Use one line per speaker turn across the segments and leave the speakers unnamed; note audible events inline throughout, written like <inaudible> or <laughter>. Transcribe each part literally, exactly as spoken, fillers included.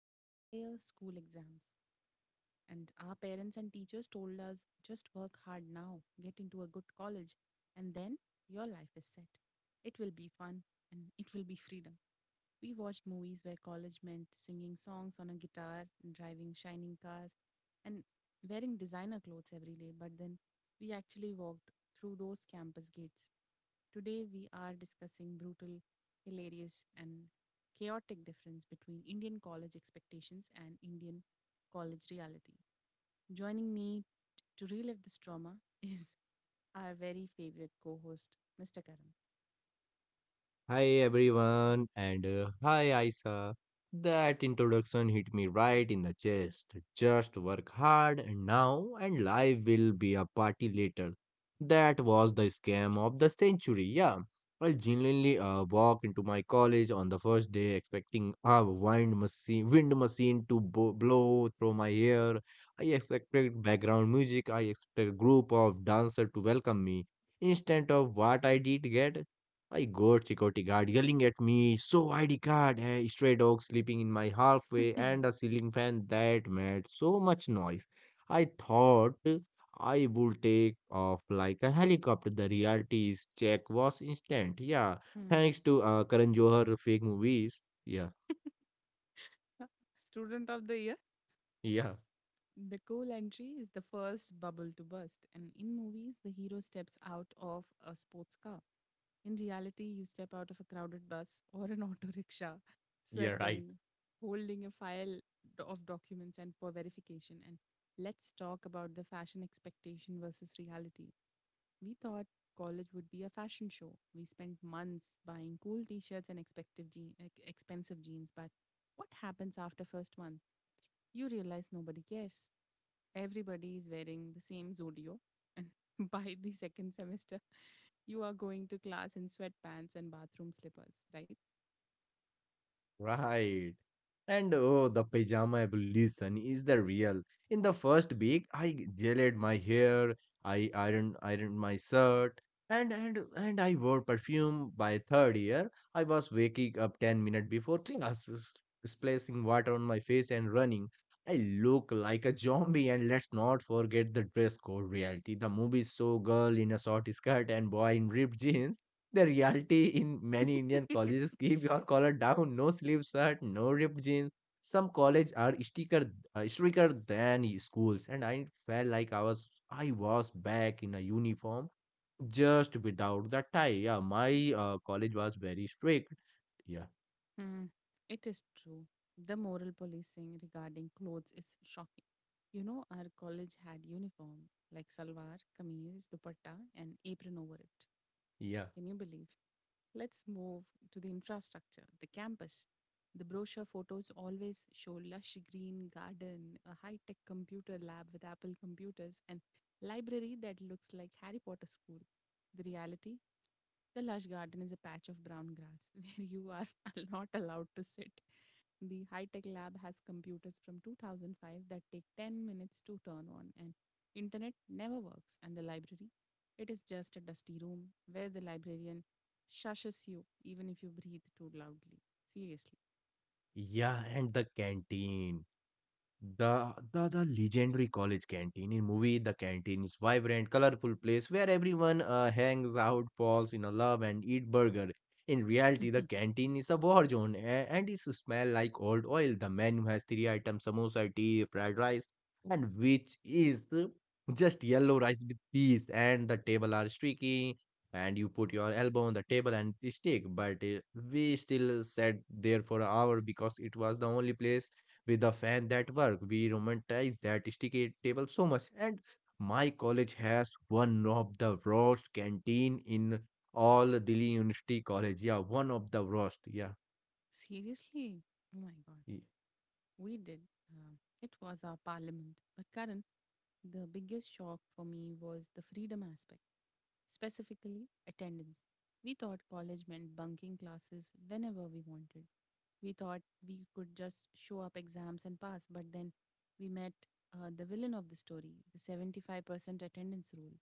for our higher school exams. And our parents and teachers told us just work hard now, get into a good college, and then your life is set. It will be fun and it will be freedom. We watched movies where college meant singing songs on a guitar, and driving shining cars, and wearing designer clothes every day. But then we actually walked through those campus gates. Today we are discussing brutal, hilarious, and chaotic difference between Indian college expectations and Indian college reality. Joining me to relive this trauma <laughs> is our very favorite co host, mister
Hi everyone, and uh, hi Isa. That introduction hit me right in the chest. Just work hard and now, and life will be a party later. That was the scam of the century, yeah. I genuinely uh, walked into my college on the first day expecting a wind machine, wind machine to bo- blow through my hair. I expected background music, I expected a group of dancers to welcome me. Instead of what I did get, I got security guard yelling at me, so I D card, hey, stray dog sleeping in my halfway,
Karam.
and
<laughs>
a ceiling fan that made so much noise. I thought I would take off like a helicopter. The reality is check was instant. Yeah, thanks
Hmm.
to uh, Karan Johar fake movies. Yeah,
<laughs> Student of the year.
yeah,
The cool entry is the first bubble to burst, and in movies, the hero steps out of a sports car. In reality, you step out of a crowded bus <laughs> or an auto rickshaw,
yeah, right.
sweating, holding a file do- of documents and for verification. And let's talk about the fashion expectation versus reality. We thought college would be a fashion show. We spent months buying cool t-shirts and expective je- ex- expensive jeans, but what happens after first month? You realize nobody cares. Everybody is wearing the same Zudio and, <laughs> by the second semester, you are going to class in sweatpants and bathroom slippers,
Right. And oh, the pajama evolution is the real. In the first week, I gelled my hair, I ironed ironed my shirt, and and and I wore perfume. By third year, I was waking up ten minutes before classes, splashing water on my face and running. I look like a zombie, and let's not forget the dress code reality. The movie show girl in a short skirt and boy in ripped jeans, the reality in
right?
many Indian
<laughs>
colleges keep your collar down, no sleeve shirt, no ripped jeans. Some colleges are stricter, uh, stricter than schools, and I felt like I was I was back in a uniform just without the tie. Yeah, my uh, college was very strict. Yeah,
Hmm, it is true. The moral policing regarding clothes is shocking. You know, our college had uniform like salwar, kameez, dupatta, and apron over it.
yeah,
Can you believe? Let's move to the infrastructure, the campus. The brochure photos always show lush green garden, a high-tech computer lab with Apple computers, and library that looks like Harry Potter school. The reality? The lush garden is a patch of brown grass <laughs> where you are <laughs> not allowed to sit. The high tech lab has computers from two thousand five that take ten minutes to turn on, and internet never works. And the library, it is just a dusty room where the librarian shushes you even if you breathe too loudly. Seriously.
yeah, and the canteen. The the the legendary college canteen in movie The Canteen is vibrant, colorful place where everyone uh, hangs out, falls in love, and eat burger. In reality, the
<laughs>
canteen is a war zone, a- and it smell like old oil. The menu has three items: samosa, tea, fried rice, and which is uh, just yellow rice with peas. And the table are streaky, and you put your elbow on the table and stick. But uh, we still sat there for an hour because it was the only place with a fan that work. We romanticize that sticky table so much. And my college has one of the worst canteen in all Delhi University College. Yeah, one of the worst. Yeah,
Seriously? Oh my god.
Y-
We did. Um, it was our parliament. But Karen, the biggest shock for me was the freedom aspect, specifically attendance. We thought college meant bunking classes whenever we wanted. We thought we could just show up exams and pass, but then we met uh, the villain of the story, the seventy-five percent attendance rule.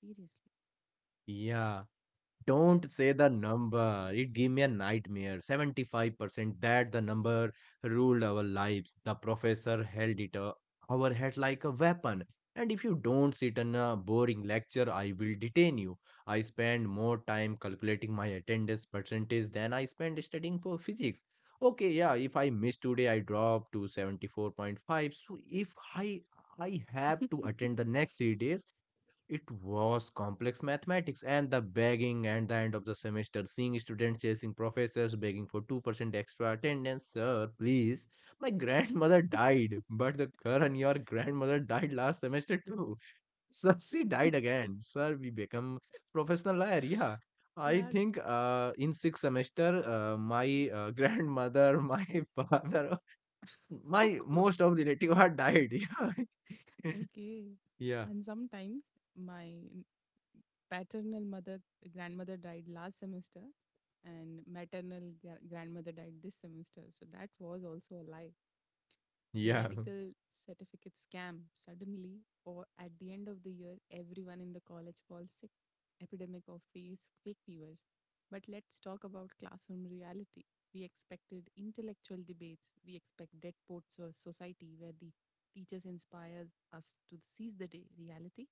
Seriously.
yeah. Don't say the number. It gave me a nightmare. seventy-five percent that the number ruled our lives. The professor held it uh, our head like a weapon. And if you don't sit in a boring lecture, I will detain you. I spend more time calculating my attendance percentage than I spend studying for physics. Okay, yeah, if I miss today, I drop to seventy-four point five. So if I I have to attend the
<laughs>
next three days, it was complex mathematics and the begging and the end of the semester, seeing students chasing professors, begging for two percent extra attendance. Sir, please. My <laughs> grandmother died, but the Karan, your grandmother died last semester too. <laughs> Sir, she died again. Sir, we become professional liar. Yeah. I
Yes.
think uh, in sixth semester, uh, my uh, grandmother, <laughs> my father, my most
<laughs>
of relative had died. <laughs>
Okay.
Yeah.
And sometimes my paternal mother grandmother died last semester and maternal gra- grandmother died this semester. So that was also a lie. The
Yeah. Yeah.
medical certificate scam, suddenly or at the end of the year everyone in the college falls sick, epidemic of face fake fevers. But let's talk about classroom reality. We expected intellectual debates. We expect dead poets or society where the teachers inspire us to seize the day. Reality,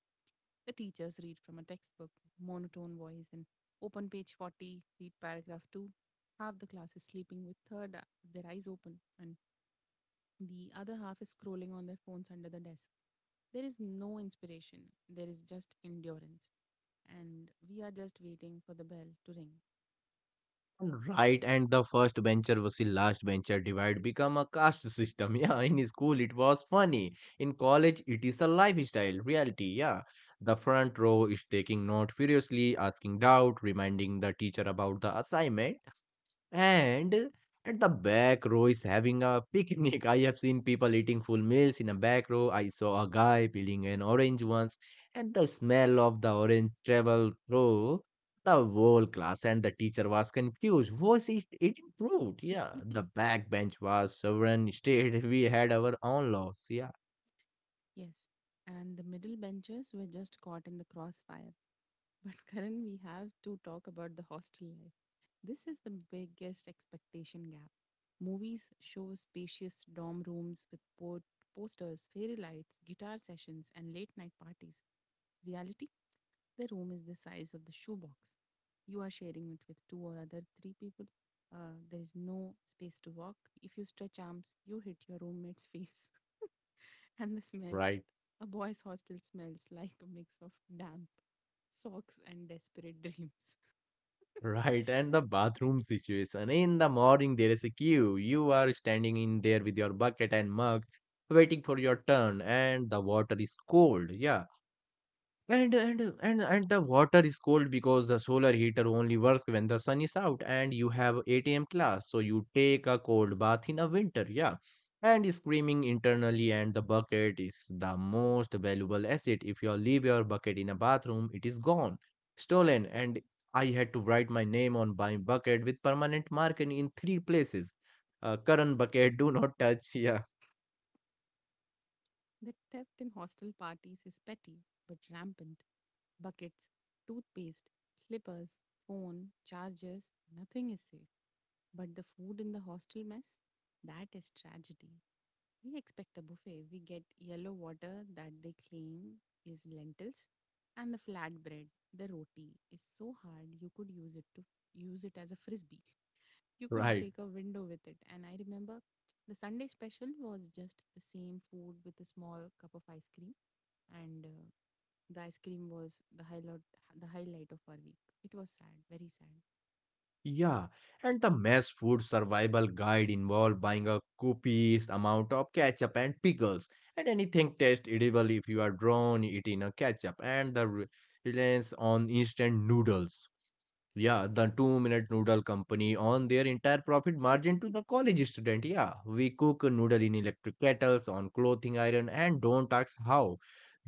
the teachers read from a textbook, monotone voice, and open page forty, read paragraph two. Half the class is sleeping with third, their eyes open, and the other half is scrolling on their phones under the desk. There is no inspiration, there is just endurance. And we are just waiting for the bell to ring.
Right, and the first bencher was the last bencher divide become a caste system. <laughs> Yeah, in school it was funny. In college it is a lifestyle reality. Yeah, the front row is taking note furiously, asking doubt, reminding the teacher about the assignment. And at the back row is having a picnic. <laughs> I have seen people eating full meals in a back row. I saw a guy peeling an orange once, and the smell of the orange traveled through the whole class, and the teacher was confused. Was it eating fruit? Yeah.
<laughs>
The back bench was sovereign state. <laughs> We had our own laws. Yeah.
Yes. And the middle benchers were just caught in the crossfire. But Karan, we have to talk about the hostel life. This is the biggest expectation gap. Movies show spacious dorm rooms with port posters, fairy lights, guitar sessions, and late night parties. Reality? The room is the size of the shoebox. You are sharing it with two or other three people. Uh, there is no space to walk. If you stretch arms, you hit your roommate's <laughs> face and the smell,
Right.
a boy's hostel smells <laughs> like a mix of damp socks and desperate dreams. <laughs>
Right, and the bathroom situation. In the morning, there is a queue. You are standing in there with your bucket and mug, waiting for your turn, and the water is cold. Yeah, and and and and the water is cold because the solar heater only works when the sun is out and you have eight a m class. So you take a cold bath in a winter, yeah. And screaming internally and the bucket is the most valuable asset. If you leave your bucket in a bathroom, it is gone, stolen. And I had to write my name on my bucket with permanent marking in three places. Uh, current bucket, do not touch. <laughs> Yeah,
The theft in hostel parties is petty but rampant. Buckets, toothpaste, slippers, phone, chargers, nothing is safe. But the food in the hostel mess, that is tragedy. We expect a buffet. We get yellow water that they claim is lentils and the flatbread, the roti is so hard you could use it to use it as a frisbee. You could
right.
break a window with it. And I remember the Sunday special was just the same food with a small cup of ice cream. And uh, the ice cream was the highlight, the highlight of our week. It was sad, very sad.
Yeah, and the mess food survival guide involved buying a copious amount of ketchup and pickles, and anything tastes edible if you are drawn it in a ketchup, and the re- reliance on instant noodles. Yeah, the two-minute noodle company on their entire profit margin to the college student. Yeah, we cook noodle in electric kettles, on clothing iron, and don't ask how.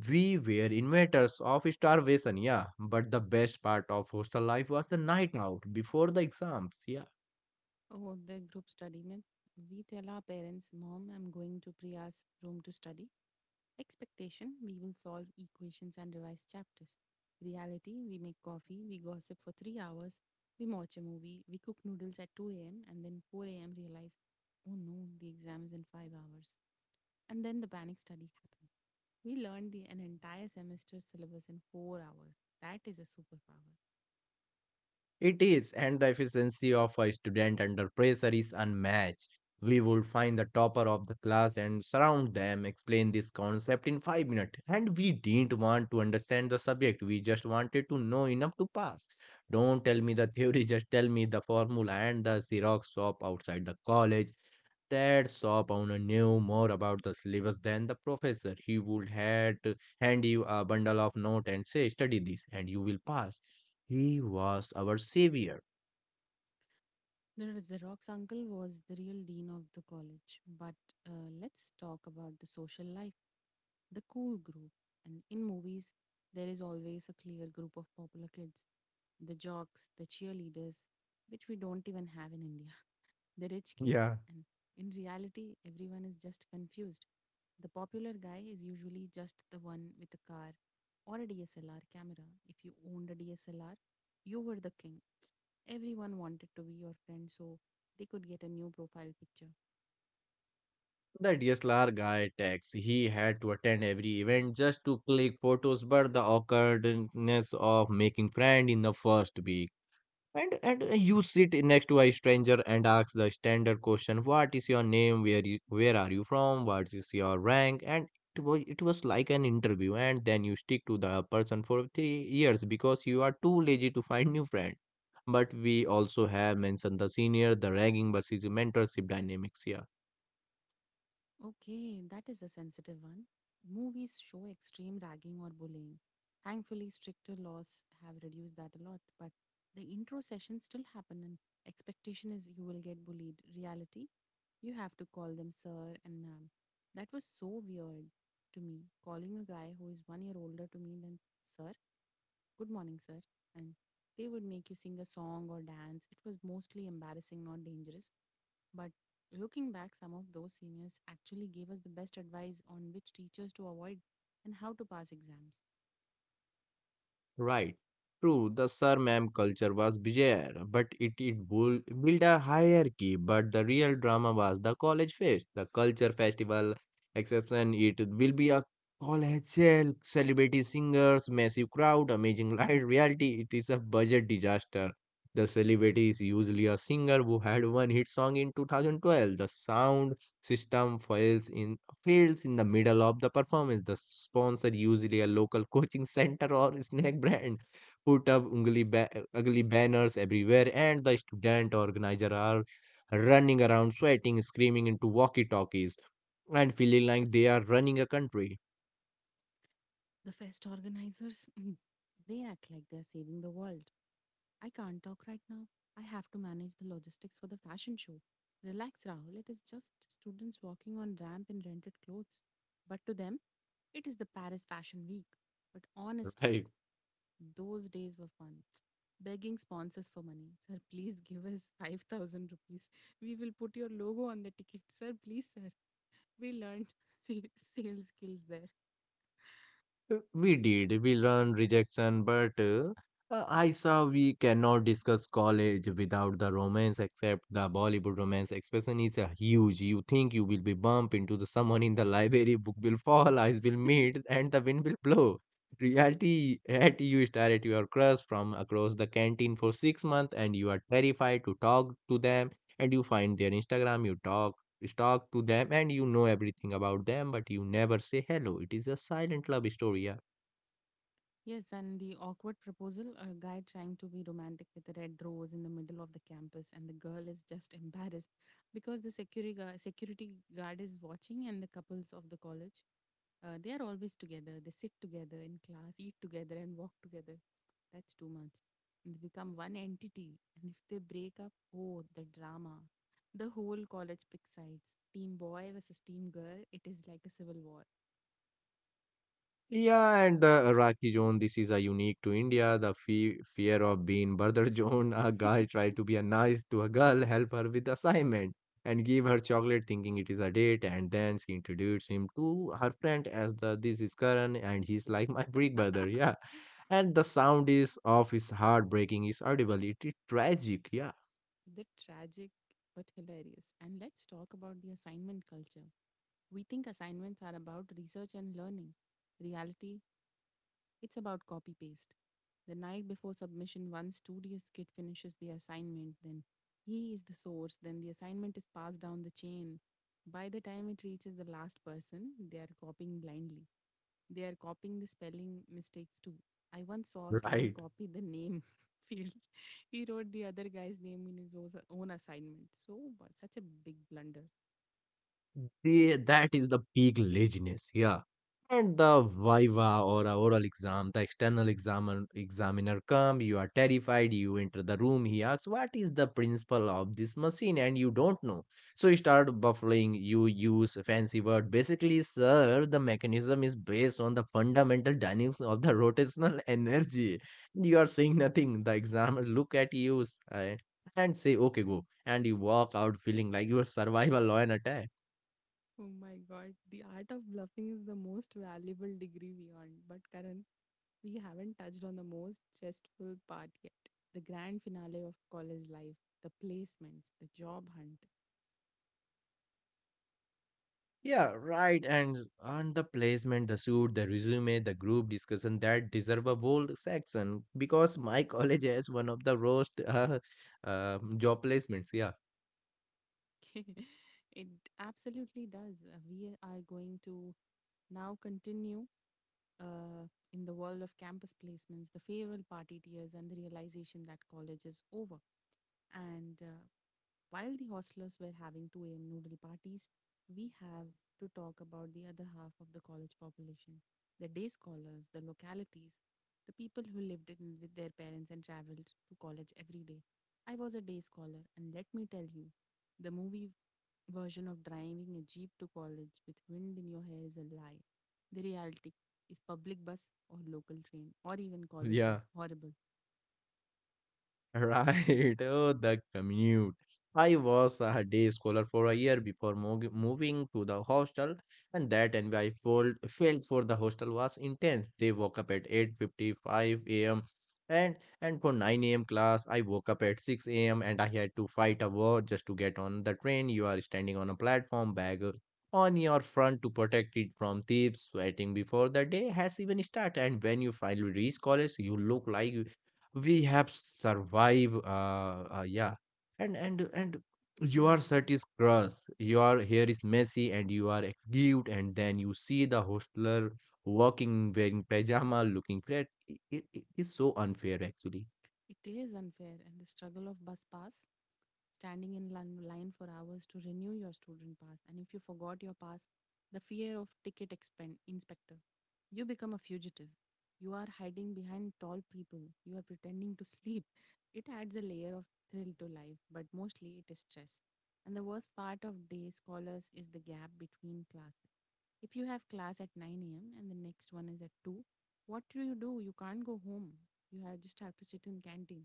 We were inventors of starvation. Yeah, but the best part of hostel life was the night out before the exams. Yeah.
Oh, the group study. mein- We tell our parents, Mom, I'm going to Priya's room to study. Expectation, we will solve equations and revise chapters. Reality, we make coffee, we gossip for three hours, we watch a movie, we cook noodles at two a m, and then four a m realize, oh no, the exam is in five hours. And then the panic study happens. We learned the, an entire semester syllabus in four hours. That is a superpower.
It is, and the efficiency of a student under pressure is unmatched. We would find the topper of the class and surround them, explain this concept in five minutes. And we didn't want to understand the subject, we just wanted to know enough to pass. Don't tell me the theory, <laughs> just tell me the formula and the Xerox shop outside the college that saw Powner knew more about the syllabus than the professor. He would had to hand you a bundle of notes and say, study this and you will pass. He was our savior.
The Xerox uncle was the real dean of the college. But uh, let's talk about the social life, the cool group. And in movies, there is always a clear group of popular kids, the jocks, the cheerleaders, which we don't even have in India, the rich kids,
Yeah.
and in reality, everyone is just confused. The popular guy is usually just the one with a car or a D S L R camera. If you owned a D S L R, you were the king. Everyone wanted to be your friend so they could get a new profile picture.
The D S L R guy tax. He had to attend every event just to click photos, but the awkwardness of making friend in the first week. And and uh, You sit next to a stranger and ask the standard question, what is your name, where you, where are you from, what is your rank, and it was it was like an interview. And then you stick to the person for three years because you are too lazy to find new friend. But we also have mentioned the senior, the ranking versus mentorship dynamics here.
Okay, that is a sensitive one. Movies show extreme ragging or bullying. Thankfully, stricter laws have reduced that a lot, but the intro sessions still happen, and expectation is you will get bullied. Reality, you have to call them sir and ma'am. That was so weird to me, calling a guy who is one year older to me than sir, good morning, sir. And they would make you sing a song or dance. It was mostly embarrassing, not dangerous. But looking back, some of those seniors actually gave us the best advice on which teachers to avoid and how to pass exams.
Right. True, the surname culture was bizarre, but it, it bull- built a hierarchy. But the real drama was the college fest, the culture festival. Exception, it will be a college sale, celebrity singers, massive crowd, amazing <laughs> light. Reality, it is a budget disaster. The celebrity is usually a singer who had one hit song in two thousand twelve. The sound system fails in fails in the middle of the performance, the sponsor usually a local <laughs> coaching center or snack brand put up ugly, ba- ugly banners everywhere, and the student organizer are running around sweating, screaming into walkie talkies and feeling like they are running a country.
The fest organizers, <clears throat> they act like they're saving the world. I can't talk right now. I have to manage the logistics for the fashion show. Relax, Rahul. It is just students walking on ramp in rented clothes. But to them, it is the Paris Fashion Week. But
<laughs>
honestly,
Right.
those days were fun. Begging sponsors for money. <laughs> Sir, please give us five thousand rupees. We will put your logo on the ticket. Sir, please, sir. We learned <laughs> sa- sales skills there.
Uh, We did. We learned rejection, but uh, uh, I saw we cannot discuss college without the romance, except the Bollywood romance expression is uh, huge. You think you will be bumped into the someone in the library, book will fall, eyes will meet,
<laughs>
and the wind will blow. Reality, at you stare at your crush from across the canteen for six months, and you are terrified to talk to them. And you find their Instagram, you talk talk to them and you know everything about them, but you never say hello. It is a silent love story. Yeah,
Yes, and the awkward proposal, a guy trying to be romantic with a red rose in the middle of the campus, and the girl is just <laughs> embarrassed because the security guard, security guard is watching, and the couples of the college, uh, they are always together. They sit together in class, eat together, and walk together. That's too much. And they become one entity. And if they break up, oh, the drama. The whole college picks sides. Team boy versus team girl. It is like a civil war.
yeah, and the Iraqi zone, this is a unique to India. The fe- fear of being brother <laughs> zone, a guy tried to be a nice to a girl, help her with assignment and give her chocolate thinking it is a date, and then she introduced him to her friend as the this is Karan and he's like my <laughs> big brother, yeah,
<laughs>
and the sound is of his heart breaking is audible, it is tragic, yeah.
The tragic but hilarious. And let's talk about the assignment culture. We think assignments are about research and learning. Reality, it's about copy paste. The night before submission, one studious kid finishes the assignment, then he is the source, then the assignment is passed down the chain. By the time it reaches the last person, they are copying blindly. They are copying the spelling mistakes too. I once saw
<laughs>
a student
Right.
copy the name <laughs> field. He wrote the other guy's name in his osa- own assignment. So, bu- such a big blunder.
Yeah, that is the peak laziness. Yeah. And the viva or a oral exam, the external examiner examiner come, you are terrified, you enter the room, he asks, what is the principle of this machine? And you don't know. So you start buffling, you use fancy word. Basically, sir, the mechanism is based on the fundamental dynamics of the rotational <laughs> energy. You are saying nothing. The examiner <laughs> look at you uh, and say, okay, go. And you walk out feeling like your survival law an attack.
Oh my god, the art of bluffing is the most valuable degree we earn. But, Karan, we haven't touched on the most stressful part yet, the grand finale of college life, the placements, the job hunt.
Yeah, right. And and the placement, the suit, the resume, the group discussion that deserve a whole section because my <laughs> college has one of the worst uh, um job placements. Yeah,
<laughs> It absolutely does. Uh, We are going to now continue uh, in the world of campus placements, the farewell party tears, and the realization that college is over. And uh, while the hostlers were having two a m noodle parties, we have to talk about the other half of the college population, the day scholars, the localities, the people who lived in with their parents and traveled to college every day. I was a day scholar, and let me tell you, the movie version of driving a jeep to college with wind in your hair is a lie. The reality is public bus or local train or even college bus.
yeah.
Horrible.
Right, <laughs> oh, the commute. I was a day scholar for a year before mog- moving to the hostel, and that envy I felt, felt for the hostel was intense. They woke up at eight fifty-five a m and and for nine a m class, I woke up at six a m And I had to fight a war just to get on the train. You are standing on a platform, bag on your front to protect it from thieves. Sweating before the day has even started, and when you finally reach college, you look like we have survived uh, uh yeah. And and and your shirt
Hmm.
is gross, your hair is messy, and you are excused. And then you see the hostler walking, wearing pajama, looking fat. It, it it is so unfair, actually.
It is unfair, and the struggle of bus pass, standing in lin- line for hours to renew your student pass, and if you forgot your pass, the fear of ticket expen- inspector. You become a fugitive. You are hiding behind tall people. You are pretending to sleep. It adds a layer of thrill to life, but mostly it is stress. And the worst part of day scholars is the gap between classes. If you have class at nine a m and the next one is at two, what do you do? You can't go home. You have just have to sit in canteen.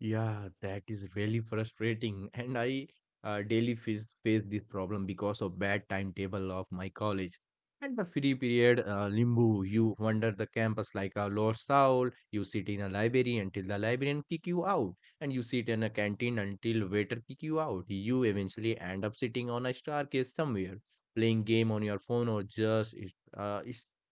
Yeah, that is really frustrating. And I uh, daily face, face this problem because of bad timetable of my college. And the free period uh, limbo, you wander the campus like a lost soul. You sit in a library until the librarian kick you out, and you sit in a canteen until waiter kick you out. You eventually end up sitting on a staircase somewhere, playing game on your phone or just uh,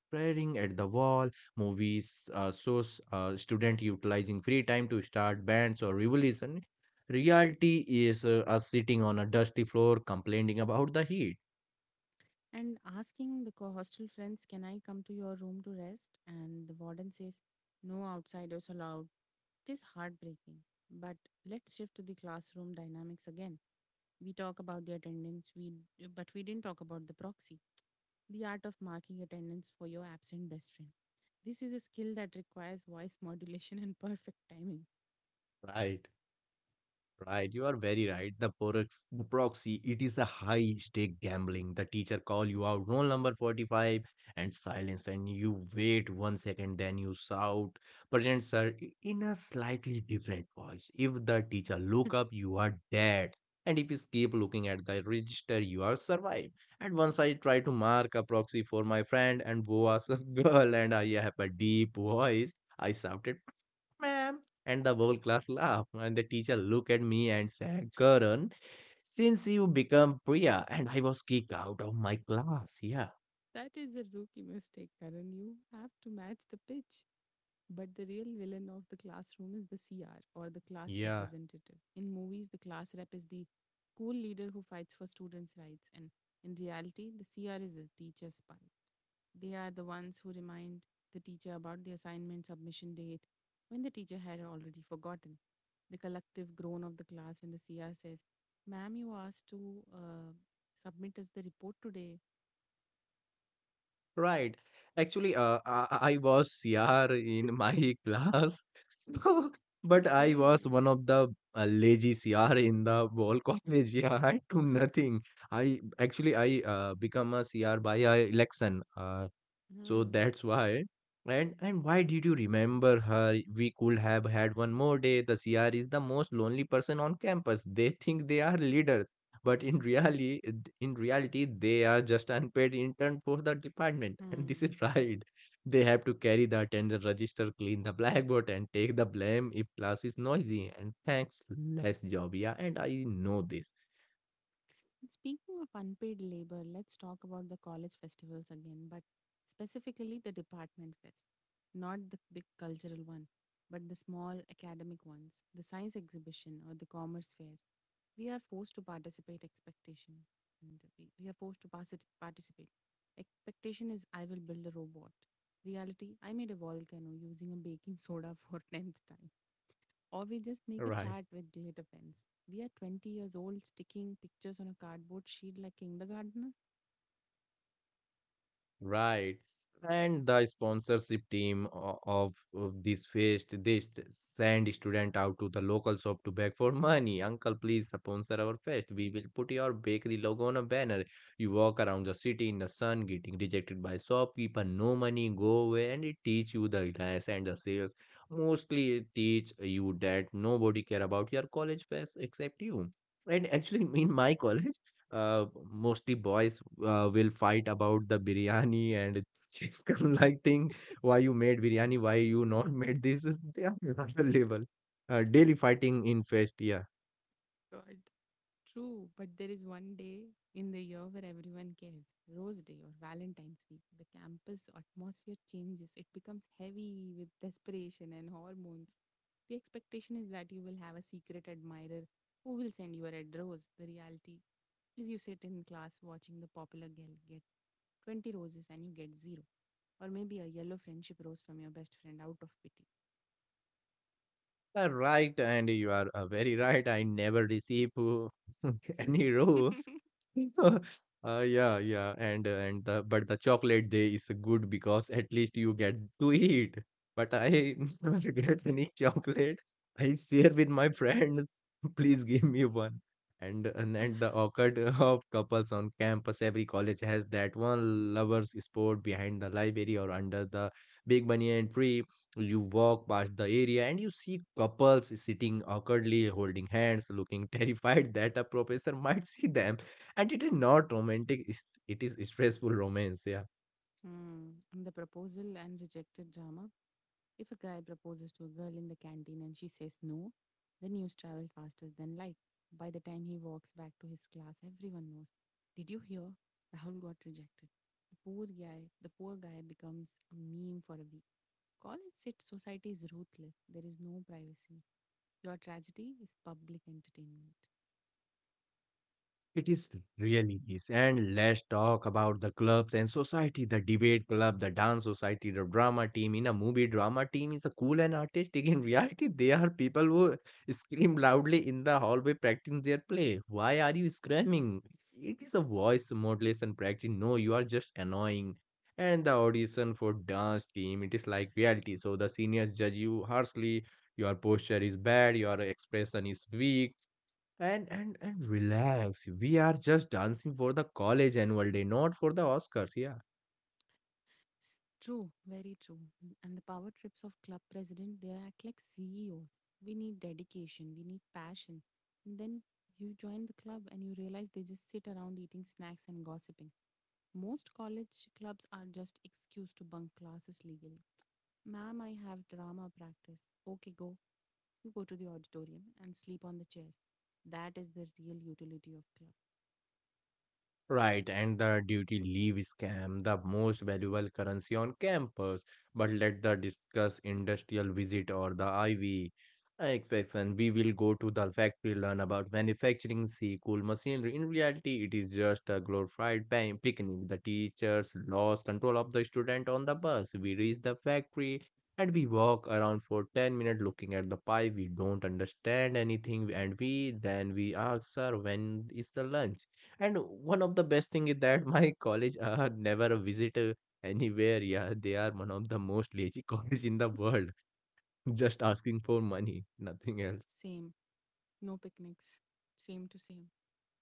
staring at the wall. Movies, uh, shows, uh, student utilizing free time to start bands or revolution. Reality is uh, us sitting on a dusty floor complaining about the heat.
And asking the co- hostel friends, can I come to your room to rest? And the warden says, no outsiders allowed. It is heartbreaking. But let's shift to the classroom dynamics again. We talk about the attendance, we but we didn't talk about the proxy, the art of marking attendance for your absent best friend. This is a skill that requires voice <laughs> modulation and perfect timing.
Right. Right, you are very right. The prox the proxy, it is a high stake gambling. The teacher call you out, roll number forty-five and silence, and you wait one second, then you shout, present sir, i- in a slightly different voice. If the teacher look
<laughs>
up, you are dead. And if you keep looking at the register, you are survive. And once I try to mark a proxy for my friend and who was a <laughs> girl, and I have a deep voice, I shouted ma'am. And the whole class laughed, and the teacher looked at me and said, Karan, since you become Priya, and I was kicked out of my class. Yeah,
That is a rookie mistake, Karan. You have to match the pitch. But the real villain of the classroom is the C R or the class
yeah,
representative. In movies, the class rep is the cool leader who fights for students' rights, and in reality, the C R is a teacher spy. They are the ones who remind the teacher about the assignment submission date when the teacher had already forgotten. The collective groan of the class when the C R says, ma'am, you asked to uh, submit us the report today.
right. Actually, uh, I, I was C R in my <laughs> class, <laughs> but I was
Okay.
one of the uh, lazy C R in the whole college. Yeah, I do nothing. I actually I uh, become a C R by uh, election. Uh, So
Hmm.
that's why. And and why did you remember her? We could have had one more day. The C R is the most lonely person on campus. They think they are leaders, but in reality, in reality, they are just unpaid intern for the department. <laughs> And
Hmm.
this is right. They have to carry the attendance register, clean the blackboard, and take the blame if class is noisy. And thanks, less job. Yeah, and I know this.
And speaking of unpaid labor, let's talk about the college festivals again, but specifically the department fest, not the big cultural one, but the small academic ones, the science exhibition or the commerce fair. We are forced to participate expectation and we, we are forced to particip- participate. Expectation is I will build a robot. Reality, I made a volcano using a baking soda for <laughs> tenth time. Or we just make a
Right.
chart with glitter pens. We are twenty years old sticking pictures on a cardboard sheet like kindergartners.
Right. And the sponsorship team o- of of this fest, they st- send student out to the local shop to beg for money. Uncle, please sponsor our fest. We will put your bakery logo on a banner. You walk around the city in the sun, getting rejected by shopkeeper. No money, go away. And it teach you the reliance and the sales. Mostly it teach you that nobody care about your college fest except you. And actually, in my <laughs> college, uh, mostly boys uh, will fight about the biryani and chicken <laughs> like thing. Why you made biryani? Why you not <laughs> made this? They are <laughs> not available. Uh, daily fighting in fest. Yeah.
God. True, but there is one day in the year where everyone cares Rose Day or Valentine's Week. The campus atmosphere changes, it becomes heavy with desperation and hormones. The expectation is that you will have a secret admirer who will send you a red rose. The reality is you sit in class watching the popular girl get twenty roses and you get zero, or maybe a yellow friendship rose from your best friend out of pity.
You are right, and you are uh, very right. I never receive uh, <laughs> any rose.
<laughs>
<laughs> Uh, yeah, yeah, and uh, and the, but the chocolate day is good because at least you get to eat. But I <laughs> never get any chocolate. I share with my friends. <laughs> Please give me one. And and, and the awkward <laughs> of couples on campus. Every college has that one lovers sport behind the library or under the big banyan tree. You walk past the area and you see couples sitting awkwardly holding hands, looking <laughs> terrified that a professor might see them. And it is not romantic, it's- it is stressful romance. Yeah.
Hmm. And the proposal and rejected drama. If a guy proposes to a girl in the canteen and she says no, the news travels faster than light. By the time he walks back to his class, everyone knows. Did you hear? Rahul got rejected. The poor guy, the poor guy becomes a meme for a week. College sit. Society is ruthless. There is no privacy. Your tragedy is public entertainment.
It is really is. And let's talk about the clubs and society, the debate club, the dance society, the drama team. In a movie, drama team is a cool and artistic. In reality, they are people who scream loudly in the hallway practicing their play. Why are you screaming? It is a voice modulation practice. No, you are just annoying. And the audition for dance team, it is like reality. So the seniors judge you harshly. Your posture is bad, your expression is weak, and and and relax. We are just dancing for the college annual day, not for the Oscars. Yeah.
True, very true. N- And the power trips of club president, they act like C E Os. We need dedication, we need passion. And then you join the club and you realize they just sit around eating snacks and gossiping. Most college clubs are just excuse to bunk classes legally. Ma'am, I have drama practice. Okay, go. You go to the auditorium and sleep on the chairs. That is the real utility of club.
Right, and the duty leave scam, the most valuable currency on campus. But let the discuss industrial visit or the I V inspection. We will go to the factory, learn about manufacturing, see cool machinery. In reality, it is just a glorified pan- picnic. The teachers lost control of the student on the bus. We reach the factory and we walk around for ten minutes looking at the pipe. We don't understand anything, and we then we ask, sir, when is the lunch? And one of the best thing is that <laughs> my college uh, never visit visitor anywhere. Yeah, they are one of the most lazy <laughs> college in the world. Just asking for money, nothing else.
Same, no picnics. Same to same.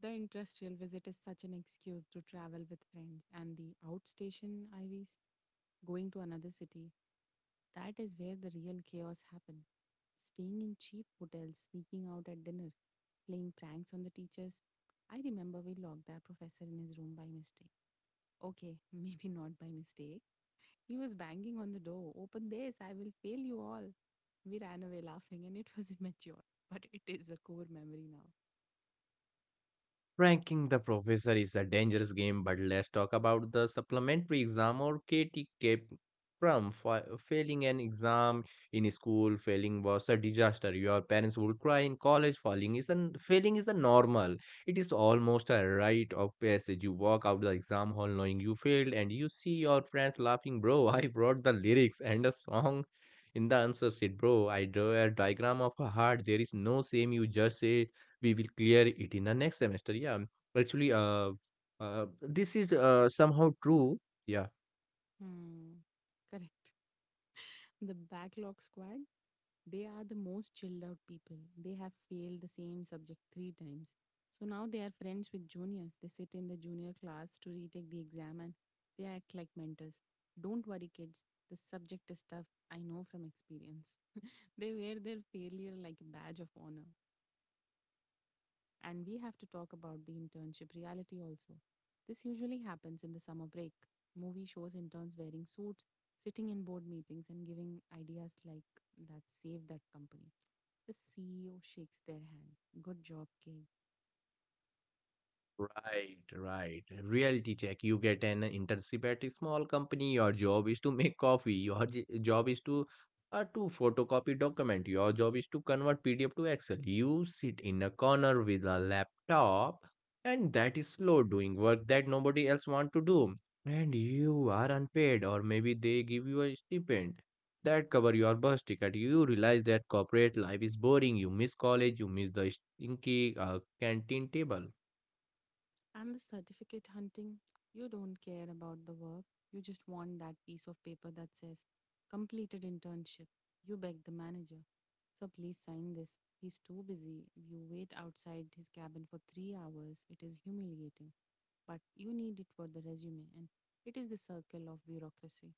The industrial visit is such an excuse to travel with friends, and the outstation I Vs, going to another city, that is where the real chaos happens. Staying in cheap hotels, sneaking out at dinner, playing pranks on the teachers. I remember we locked our professor in his room by mistake. Okay, <laughs> maybe not by mistake. He was banging on the door. Open this, I will fail you all. We ran away laughing and it was <laughs> immature, but it is a core memory now.
Ranking the professor is a dangerous game, but let's talk about the supplementary exam or K T K. From fa- failing an exam in school. Failing was a disaster. Your parents would cry in college. Failing is an failing is a normal. It is almost a rite of passage. You walk out the exam hall knowing you failed, and you see your friends laughing. Bro, <laughs> I brought the lyrics and a song in the answer sheet. Bro, I draw a diagram of a heart. There is no shame. You just say we will clear it in the next semester. Yeah. Actually, uh, uh this is uh, somehow true. Yeah.
Hmm, correct. The backlog squad, they are the most chilled out people. They have failed the same subject three times. So now they are friends with juniors. They sit in the junior class to retake the exam and they act like mentors. Don't worry, kids. The subject is tough. I know from experience. <laughs> They wear their failure like a badge of honor. And we have to talk about the internship reality also. This usually happens in the summer break. Movie shows interns wearing suits, sitting in board meetings, and giving ideas like that save that company. The C E O shakes their hand. Good job, kid.
Right, right. Reality check. You get an internship at a small company. Your job is to make coffee. Your j- job is to uh, to photocopy document. Your job is to convert P D F to Excel. You sit in a corner with a laptop, and that is slow doing work that nobody else want to do. And you are unpaid, or maybe they give you a stipend that cover your bus ticket. You realize that corporate life is boring. You miss college. You miss the stinky uh, canteen table.
And the certificate hunting, you don't care about the work. You just want that piece of paper that says, completed internship. You beg the manager, sir, please sign this. He's too busy. You wait outside his cabin for three hours. It is humiliating. But you need it for the resume, and it is the circle of bureaucracy,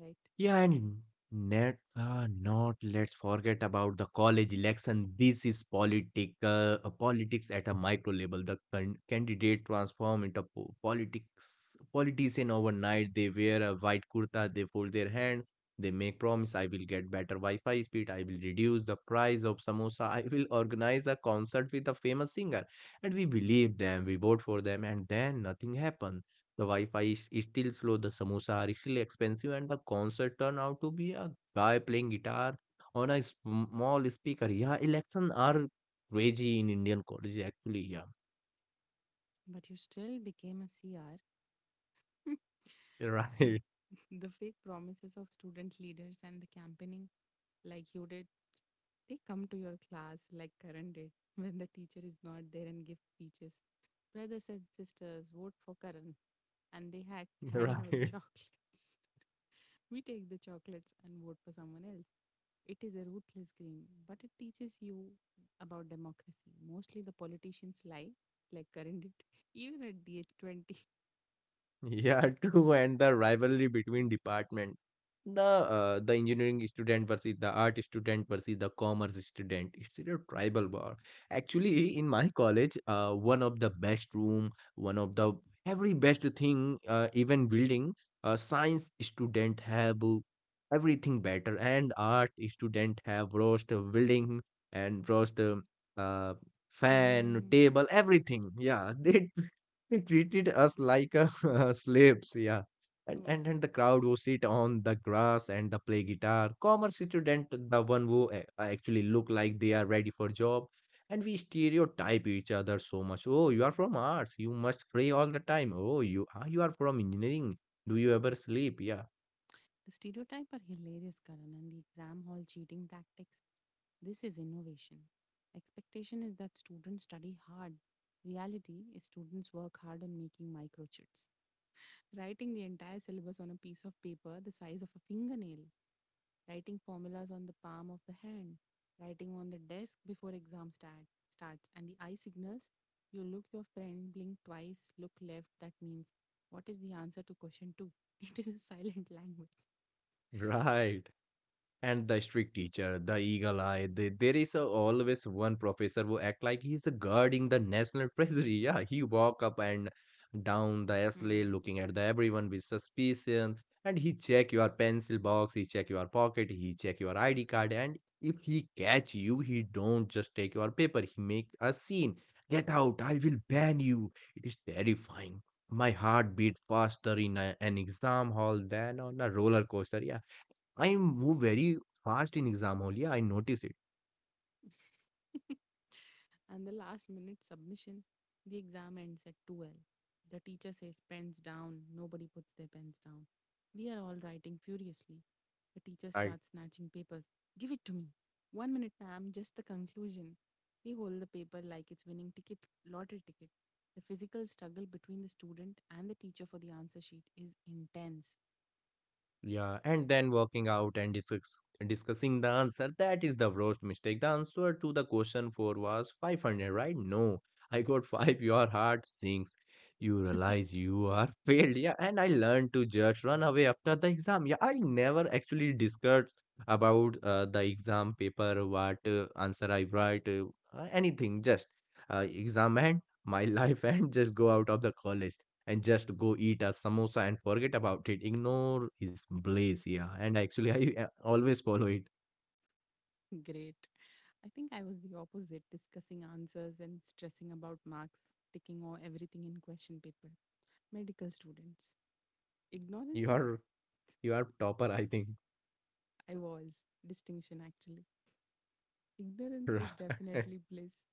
right?
Yeah, and net, uh, not let's forget about the college election. This is political uh, politics at a micro level. The can candidate transform into po- politics politician overnight. They wear a white kurta, they fold their hand, they make promise, I will get better Wi-Fi speed, I will reduce the price of samosa, I will organize a concert with a famous singer. And we believe them, we vote for them, and then nothing happens. The Wi-Fi is is still slow, the samosa are still expensive, and the concert turned out to be a guy playing guitar on a small speaker. Yeah, elections are crazy in Indian colleges, actually. Yeah,
But you still became a C R.
<laughs> right,
<laughs> The fake promises of student leaders and the campaigning, like you did, they come to your class like Karan did <laughs> when the teacher is not there and give speeches. Brothers and sisters, vote for Karan. And they had <laughs>
<laughs>
hand out
right.
chocolates. <laughs> We take the chocolates and vote for someone else. It is a ruthless game, but it teaches you about democracy. Mostly the politicians lie, like Karan did, <laughs> even at the age twenty. <laughs>
Yeah, <laughs> true. And the rivalry between department, the uh, the engineering student versus the art student versus the commerce student. It's a tribal war. Actually, in my college, uh, one of the best room, one of the every best thing, uh, even building, uh, science student have uh, everything better, and art student have roast uh, building and roast uh, uh, fan,
Hmm.
table, everything. Yeah, <laughs> they they treated us like a, <laughs> slaves, yeah. And,
So
and and the crowd who sit on the grass and the play guitar, commerce student, the one who a- actually look like they are ready for job, and we stereotype each other so much. Oh, you are from arts, you must pray all the time. Oh, you ah, you are from engineering. Do you ever sleep? Yeah,
the stereotype are hilarious, Karan, and the exam hall cheating tactics. This is innovation. Expectation is that students study hard. Reality is students work hard on making microchips, writing the entire syllabus on a piece of paper the size of a fingernail, writing formulas on the palm of the hand, writing on the desk before exam start, starts, and the eye signals. You look your friend, blink twice, look left. That means, what is the answer to question two? <laughs> It is a silent language.
<laughs> right. And the strict teacher, the eagle eye, the, there is a, always one professor who act like he's guarding the national <laughs> treasury. Yeah, he walk up and down the alley
Hmm.
looking at the everyone with suspicion, and he check your pencil box, he check your pocket, he check your I D card, and if he catch you, he don't just take your paper. He make a scene. Get out! I will ban you. It is terrifying. My heart beat faster in a, an exam hall than on a roller coaster. Yeah, I move very fast in exam hall. Yeah, I notice it.
<laughs> And the last minute submission, the exam ends at twelve. The teacher says, pens down. Nobody puts their pens down. We are all writing furiously. The teacher
I
starts snatching papers. Give it to me. One minute, ma'am, just the conclusion. We hold the paper like it's winning ticket, lottery ticket. The physical struggle between the student and the teacher for the answer sheet is intense.
yeah, and then working out and discuss, discussing the answer. That is the worst mistake. The answer to the question four was five hundred, right? No, I got five. Your heart sinks. You realize
<laughs>
you are <laughs> failed. Yeah, and I learned to just run away after the exam. Yeah, I never actually discussed about uh, the exam paper, what uh, answer I write, uh, anything. Just uh, exam and my <laughs> life and just go out of the college and just go eat a samosa and forget about it. Ignore his blaze, yeah. And actually, I uh, always follow it.
Great. I think I was the opposite, discussing answers and stressing about marks, ticking all everything in question paper. Medical students. Ignorance
You
is,
are you are topper, I think.
I was, distinction actually.
<laughs>
Ignorance is
Right,
definitely bliss,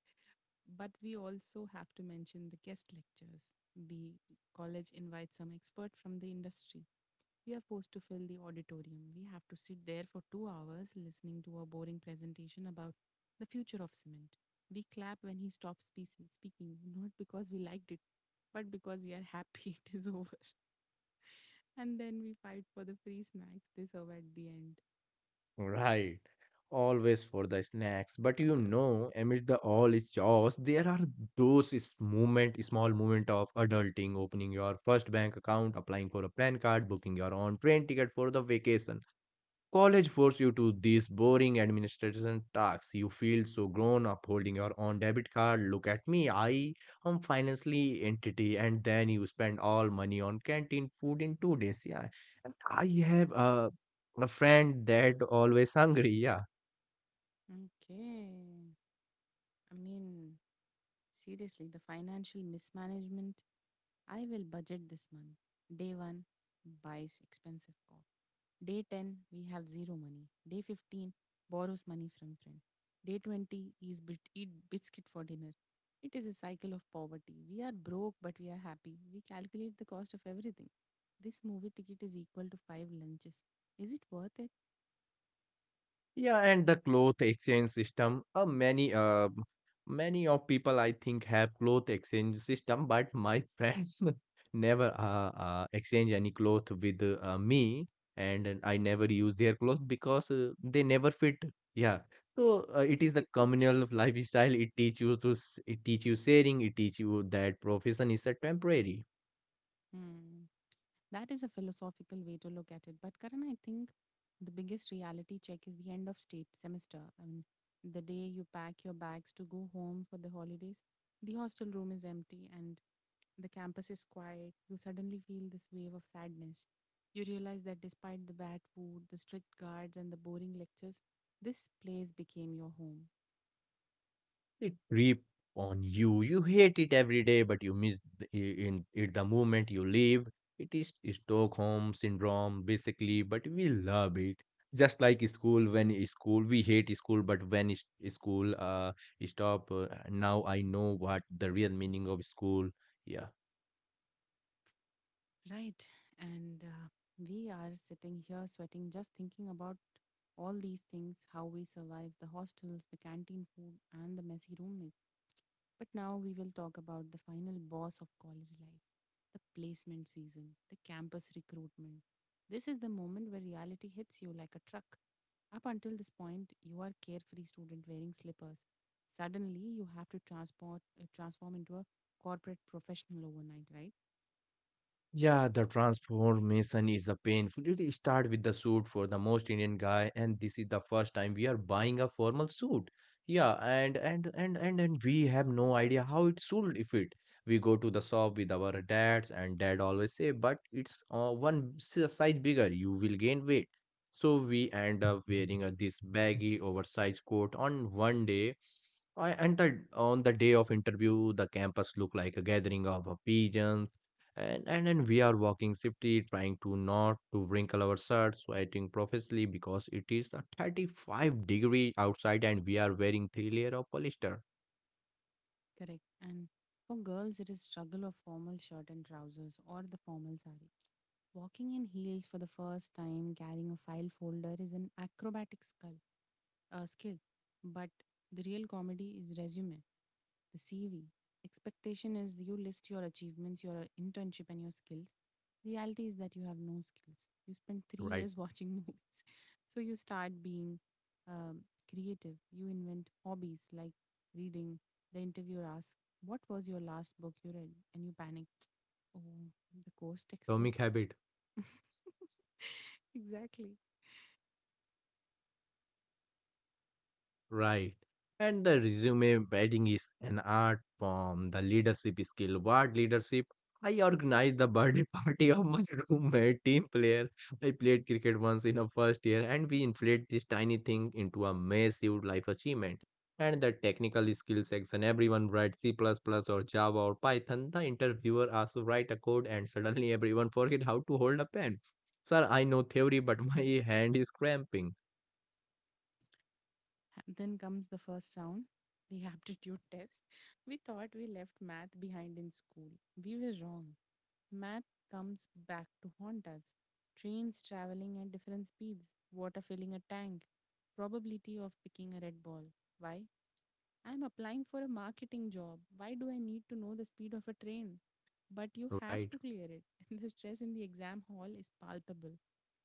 but we also have to mention the guest lectures. The college invites some expert from the industry. We are forced to fill the auditorium. We have to sit there for two hours listening to a boring presentation about the future of cement. We clap when he stops spe- speaking, not because we liked it, but because we are happy <laughs> it is over. And then we fight for the free snacks they serve at the end.
right. Always for the snacks, but you know, amid the all is chaos, there are those is moment, small moment of adulting, opening your first bank account, applying for a P A N card, booking your own train ticket for the vacation. College force you to these boring administration tasks. You feel so grown up holding your own debit card. Look at me, I am financially entity, and then you spend all money on canteen food in two days. Yeah, and I have a a friend that always hungry. Yeah.
Okay. I mean, seriously, the financial mismanagement. I will budget this month. Day one, buys expensive coffee. Day ten, we have zero money. Day fifteen, borrows money from friend. Day twenty, is bit, eat biscuit for dinner. It is a cycle of poverty. We are broke, but we are happy. We calculate the cost of everything. This movie ticket is equal to five lunches. Is it worth it?
Yeah, and the cloth exchange system. Uh, many uh, many of people I think have cloth exchange system, but my friends <laughs> never uh, uh exchange any cloth with uh, me, and then I never use their cloth because uh, they never fit. Yeah, so uh, it is the
<laughs>
communal lifestyle. It teach you to s- it teach you sharing. It teach you that profession is a temporary.
Hmm. That is a philosophical way to look at it. But Karan, I think the biggest reality check is the end of state semester. I mean, the day you pack your bags to go home for the holidays, the hostel room is empty and the campus is quiet. You suddenly feel this wave of sadness. You realize that despite the bad food, the strict guards, and the boring lectures, this place became your home.
It reap on you. You hate it every day, but you miss the, i- in it the moment you leave. It is Stockholm syndrome, basically, but we love it. Just like school, when i- school we hate school, but when is- school uh stop, uh, now I know what the real meaning of school. Yeah.
Right. And uh, we are sitting here sweating just thinking about all these things how we survived the hostels, the canteen food, and the messy roommates. But now we will talk about the final boss of college life the placement season, the campus recruitment. This is the moment where reality hits you like a truck. Up until this point, you are carefree student wearing slippers. Suddenly, you have to transport uh, transform into a corporate professional overnight, right?
Yeah, the transformation is a painful. It start with the suit for the most Indian guy, and this is the first time we are buying a formal suit. Yeah, and and and and and we have no idea how it should fit. We go to the shop with our dads, and dad always say, "But it's uh, one s- size bigger. You will gain weight." So we end up wearing a, this baggy, oversized coat on one day. I- and the On the day of interview the campus looked like a gathering of uh, pigeons. And, and then we are walking swiftly, trying to not to wrinkle our shirts, sweating profusely because it is a thirty-five degree outside and we are wearing three layer of polyester.
Correct. And for girls, it is struggle of formal shirt and trousers or the formal sari. Walking in heels for the first time, carrying a file folder is an acrobatic skull. Uh, skill. But the real comedy is resume, the C V. Expectation is you list your achievements, your internship, and your skills. Reality is that you have no skills. You spend <laughs> three
Right.
years watching <laughs> movies. So you start being um, creative. You invent hobbies like reading. The interviewer asks, what was your last book you read? And you panic. Oh, the course textbook.
Atomic habit.
<laughs> Exactly.
Right. And the resume writing is an art form. The leadership skill. What leadership? I organized the birthday <laughs> party of my <laughs> roommate team player. I played cricket once in a first year and we inflate this tiny thing into a massive life achievement. And the technical skill section, everyone writes C++ plus plus or Java or Python. The interviewer asks to write a code and suddenly everyone forget how to hold a pen. Sir, I know theory, but <laughs> my hand is cramping.
Then comes the first round, the <laughs> aptitude test. We thought we left math behind in school. We were wrong. Math comes back to haunt us. Trains traveling at different speeds, water filling a tank, probability of picking a red ball. Why? I'm applying for a marketing job. Why do I need to know the speed of a train? But you have
Right.
to clear it. <laughs> And the stress in the exam hall is palpable,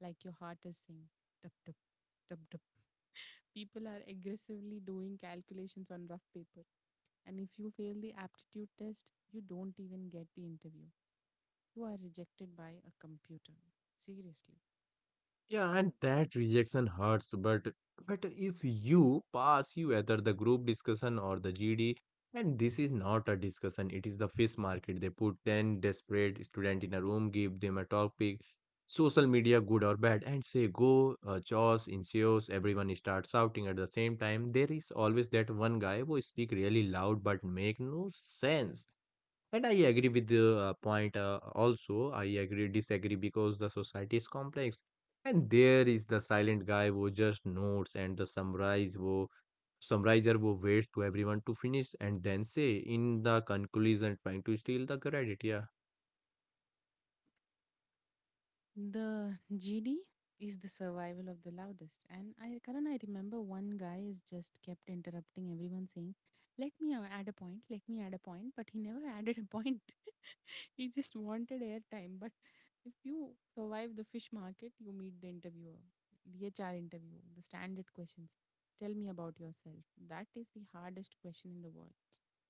like your heart is saying, tup, tup, tup, tup. People are aggressively doing calculations on rough paper. And if you fail the aptitude test, you don't even get the interview. You are rejected by a computer. Seriously.
Yeah, and that rejection hurts, but but if you pass, you enter the group discussion or the G D, and this is not a discussion, it is the fish market. They put ten desperate student in a room, give them a topic, social media, good or bad, and say go, uh, choose, ensues, everyone starts shouting at the same time. There is always that one guy who speak really loud but make no sense. And I agree with the uh, point uh, also. I agree, disagree because the society is complex. And there is the silent guy who just notes and the summarize who summarizer who waits to everyone to finish and then say in the conclusion, trying to steal the credit. Yeah.
The G D is the survival of the loudest. And I, Karan, I remember one guy is just kept interrupting everyone saying, let me a- add a point, let me add a point. But he never <laughs> added a point. <laughs> He just wanted airtime. But if you survive the fish market, you meet the interviewer, the H R interview, the standard questions. Tell me about yourself. That is the hardest question in the world.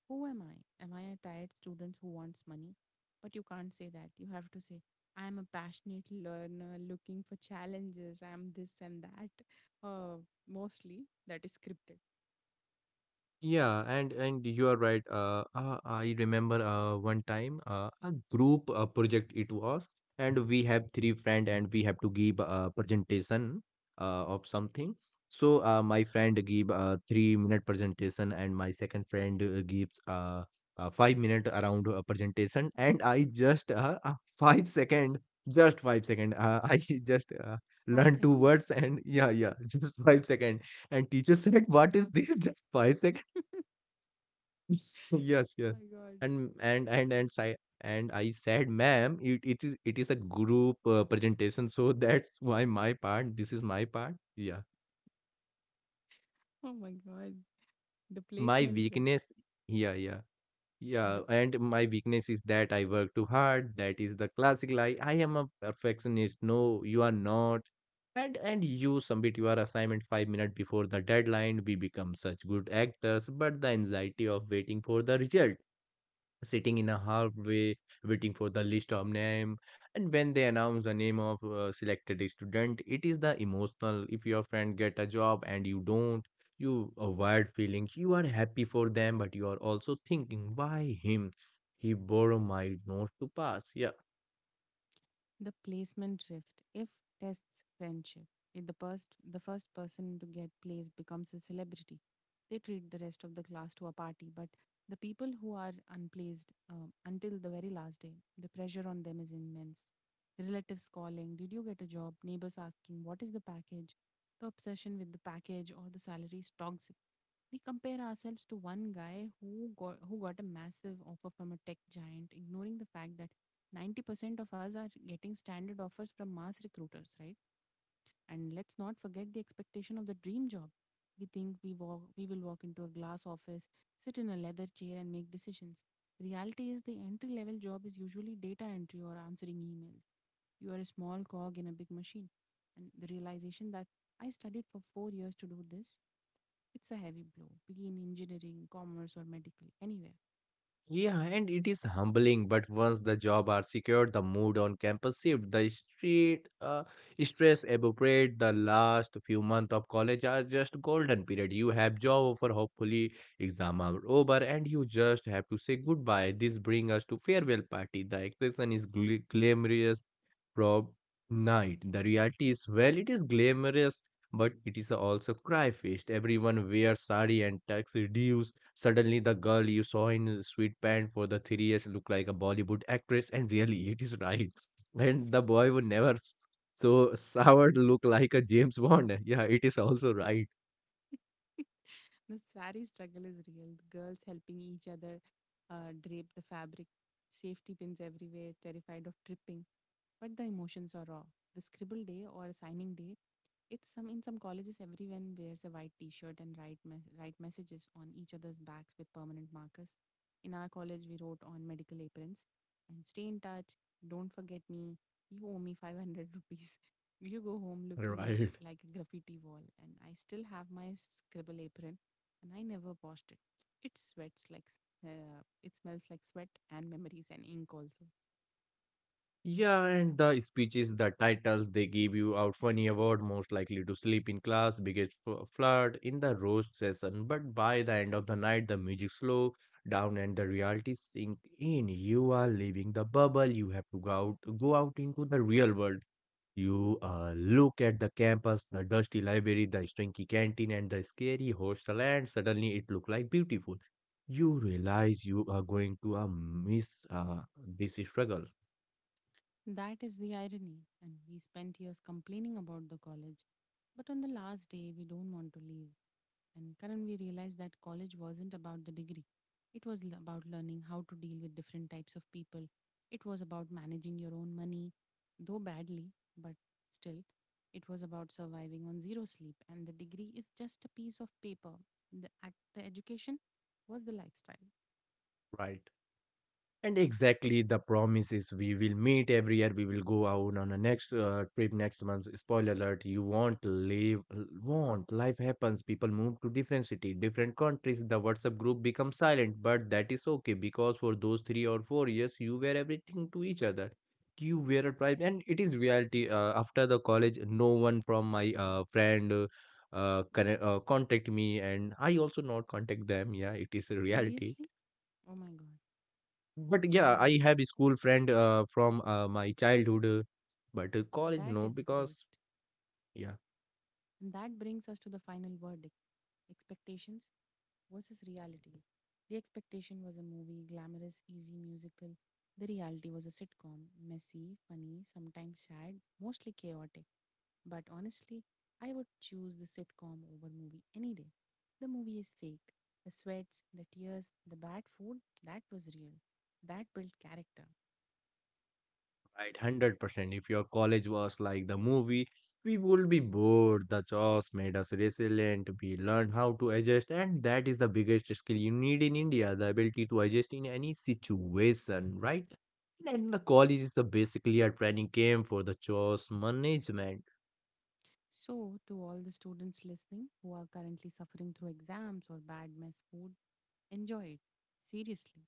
Who am I? Am I a tired student who wants money? But you can't say that. You have to say, I'm a passionate learner looking for challenges. I'm this and that. Uh, Mostly that is scripted.
Yeah, and and you are right. Uh, uh, I remember uh, one time uh, a group uh, project it was, and we have three friend and we have to give a presentation uh, of something. So uh, my friend give a three minute presentation, and my second friend uh, gives uh, a five minute around a presentation, and I just uh, uh, five second, just five second. Uh, <laughs> I just uh,
Five
learned two
second.
words, and yeah, yeah, <laughs> just five second. And teacher said, "What is this? <laughs> Just five.
<laughs>
<laughs> Yes, yes.
My God.
And and and and I and I said, ma'am, it, it is it is a group uh, presentation, so <laughs> that's why my part. This is my part. Yeah,
Oh my God. The
my
placement drift.
weakness. Yeah, yeah,
The
yeah. And my weakness is that I work too hard. That is the classic lie. I am a perfectionist. No, you are not. And and you submit your assignment five minutes before the deadline. We become such good actors, but the anxiety of waiting for the result, sitting in a hallway waiting for the list of name, and when they announce the name of uh, selected student, it is the emotional. If your friend get a job and you don't, you avoid feeling. You are happy for them, but you are also thinking, why him? He borrowed my note to pass. Yeah.
the placement drift if tests friendship. If the first the first person to get placed becomes a celebrity, they treat the rest of the class to a party. But the people who are unplaced, um, until the very last day, the pressure on them is immense. Relatives calling, did you get a job? Neighbors asking, what is the package? The obsession with the package or the salary is toxic. We compare ourselves to one guy who got who got a massive offer from a tech giant, ignoring the fact that ninety percent of us are getting standard offers from mass recruiters, right? And let's not forget the expectation of the dream job. We think we walk, we will walk into a glass office, sit in a leather chair, and make decisions. The reality is the entry level job is usually data entry or answering emails. You are a small cog in a big machine. And the realization that I studied for four years to do this, it's a heavy blow. Be in engineering, commerce, or medical, anywhere.
Yeah, and it is humbling, but once the job are secured, the mood on campus shift, the street uh, stress evaporate. The last few months of college are just golden period. You have job offer, hopefully exam are over, and you just have to say goodbye. This bring us to farewell party. The expression is gl- glamorous, prob night. The reality is, well, it is glamorous, but it is also cry fest. Everyone wears sari and tuxedos. Suddenly, the girl you saw in a sweatpants for the three years looked like a Bollywood actress, and really, it is right. <laughs> And the boy would never s- so soured look like a James Bond. Yeah, it is also right.
The sari struggle is real. The girls helping each other uh, drape the fabric, safety pins everywhere, terrified of tripping. But the emotions are raw. The scribble day or signing day, it's some in some colleges everyone wears a white t-shirt and write mes- write messages on each other's backs with permanent markers. In our college, we wrote on medical aprons and stay in touch. Don't forget me. You owe me five hundred rupees. <laughs> You go home looking at
Right.
like a graffiti wall, and I still have my scribble apron and I never washed it. It sweats like s- uh, it smells like sweat and memories and ink also.
Yeah, and the speeches, the titles they give you out funny award, most likely to sleep in class, biggest fl- flirt in the roast session. But by the end of the night, the music slow down and the reality sink in. You are leaving the bubble. You have to go out, go out into the real world. You uh, look at the campus, the dusty library, the stinky canteen, and the scary hostel, and suddenly it looked like beautiful. You realize you are going to uh, miss uh, this struggle,
That is the irony, and we spent years complaining about the college, but on the last day we don't want to leave. And Karan, we realized that college wasn't about the degree. It was l- about learning how to deal with different types of people. It was about managing your own money, though badly, but still, it was about surviving on zero sleep. And the degree is just a piece of paper. The, ac- the education was the lifestyle.
right? And exactly the promise is we will meet every year. We will go out on a next uh, trip next month. Spoiler alert: you won't live. Won't life happens? People move to different city, different countries. The WhatsApp group becomes silent, but that is okay because for those three or four years, you were everything to each other. You were a tribe, and it is reality. Uh, after the college, no one from my uh, friend. Uh, uh, conne- uh, contact me and I also not contact them. Yeah, it is a reality,
Seriously? Oh my God.
but yeah, I
Hmm.
have a school friend uh, from uh, my childhood, uh, but uh, college
That
no,
is great.
because yeah,
And that brings us to the final verdict, expectations versus reality. The expectation was a movie, glamorous, easy, musical. The reality was a sitcom, messy, funny, sometimes sad, mostly chaotic. But honestly, I would choose the sitcom over movie any day. The movie is fake. The sweats, the tears, the bad food, that was real. That built character.
right, hundred percent. If your college was like the movie, we would be bored. The jobs made us resilient. We learned how to adjust, and that is the biggest skill you need in India: the ability to adjust in any situation, right? And the college is the basically a training camp for the jobs management.
So, to all the students listening who are currently suffering through exams or bad mess food, enjoy it. Seriously.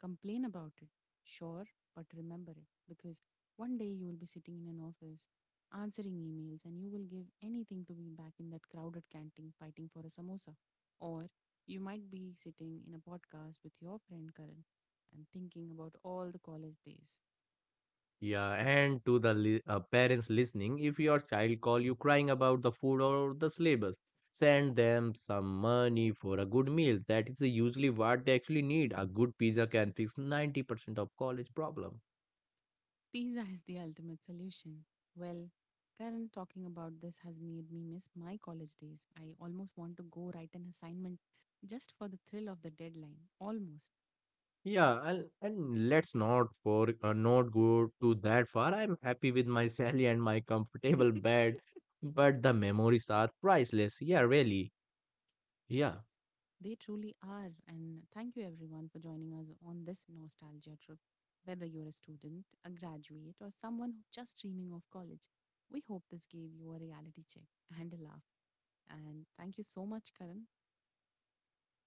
Complain about it. Sure, but remember it, because one day you will be sitting in an office answering emails and you will give anything to be back in that crowded canteen fighting for a samosa. Or you might be sitting in a podcast with your friend Karan and thinking about all the college days.
Yeah, and to the li- uh, parents listening, if your child call you crying about the food or the syllabus, send them some money for a good meal. That is usually what they actually need. A good pizza can fix ninety percent of college problem.
Pizza is the ultimate solution. Well, Karen, talking about this has made me miss my college days. I almost want to go write an assignment just for the thrill of the deadline. Almost.
Yeah, and, and let's not for uh, not go to that far. I'm happy with my <laughs> salary and my comfortable bed, but the memories are priceless. Yeah, really. Yeah.
They truly are. And thank you, everyone, for joining us on this nostalgia trip. Whether you're a student, a graduate, or someone who just dreaming of college, we hope this gave you a reality check and a laugh. And thank you so much, Karan.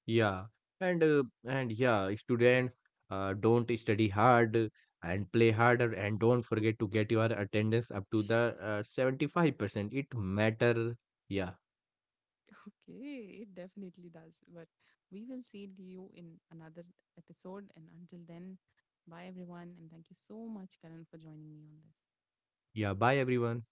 Yeah, and uh, and yeah, students uh, don't study hard uh, and play harder and don't forget to get your attendance up to the uh, seventy-five percent. It matter. Yeah.
Okay, it definitely does. But we will see you in another episode. And until then, bye everyone. And thank you so much, Karan, for joining me on this.
Yeah, bye everyone.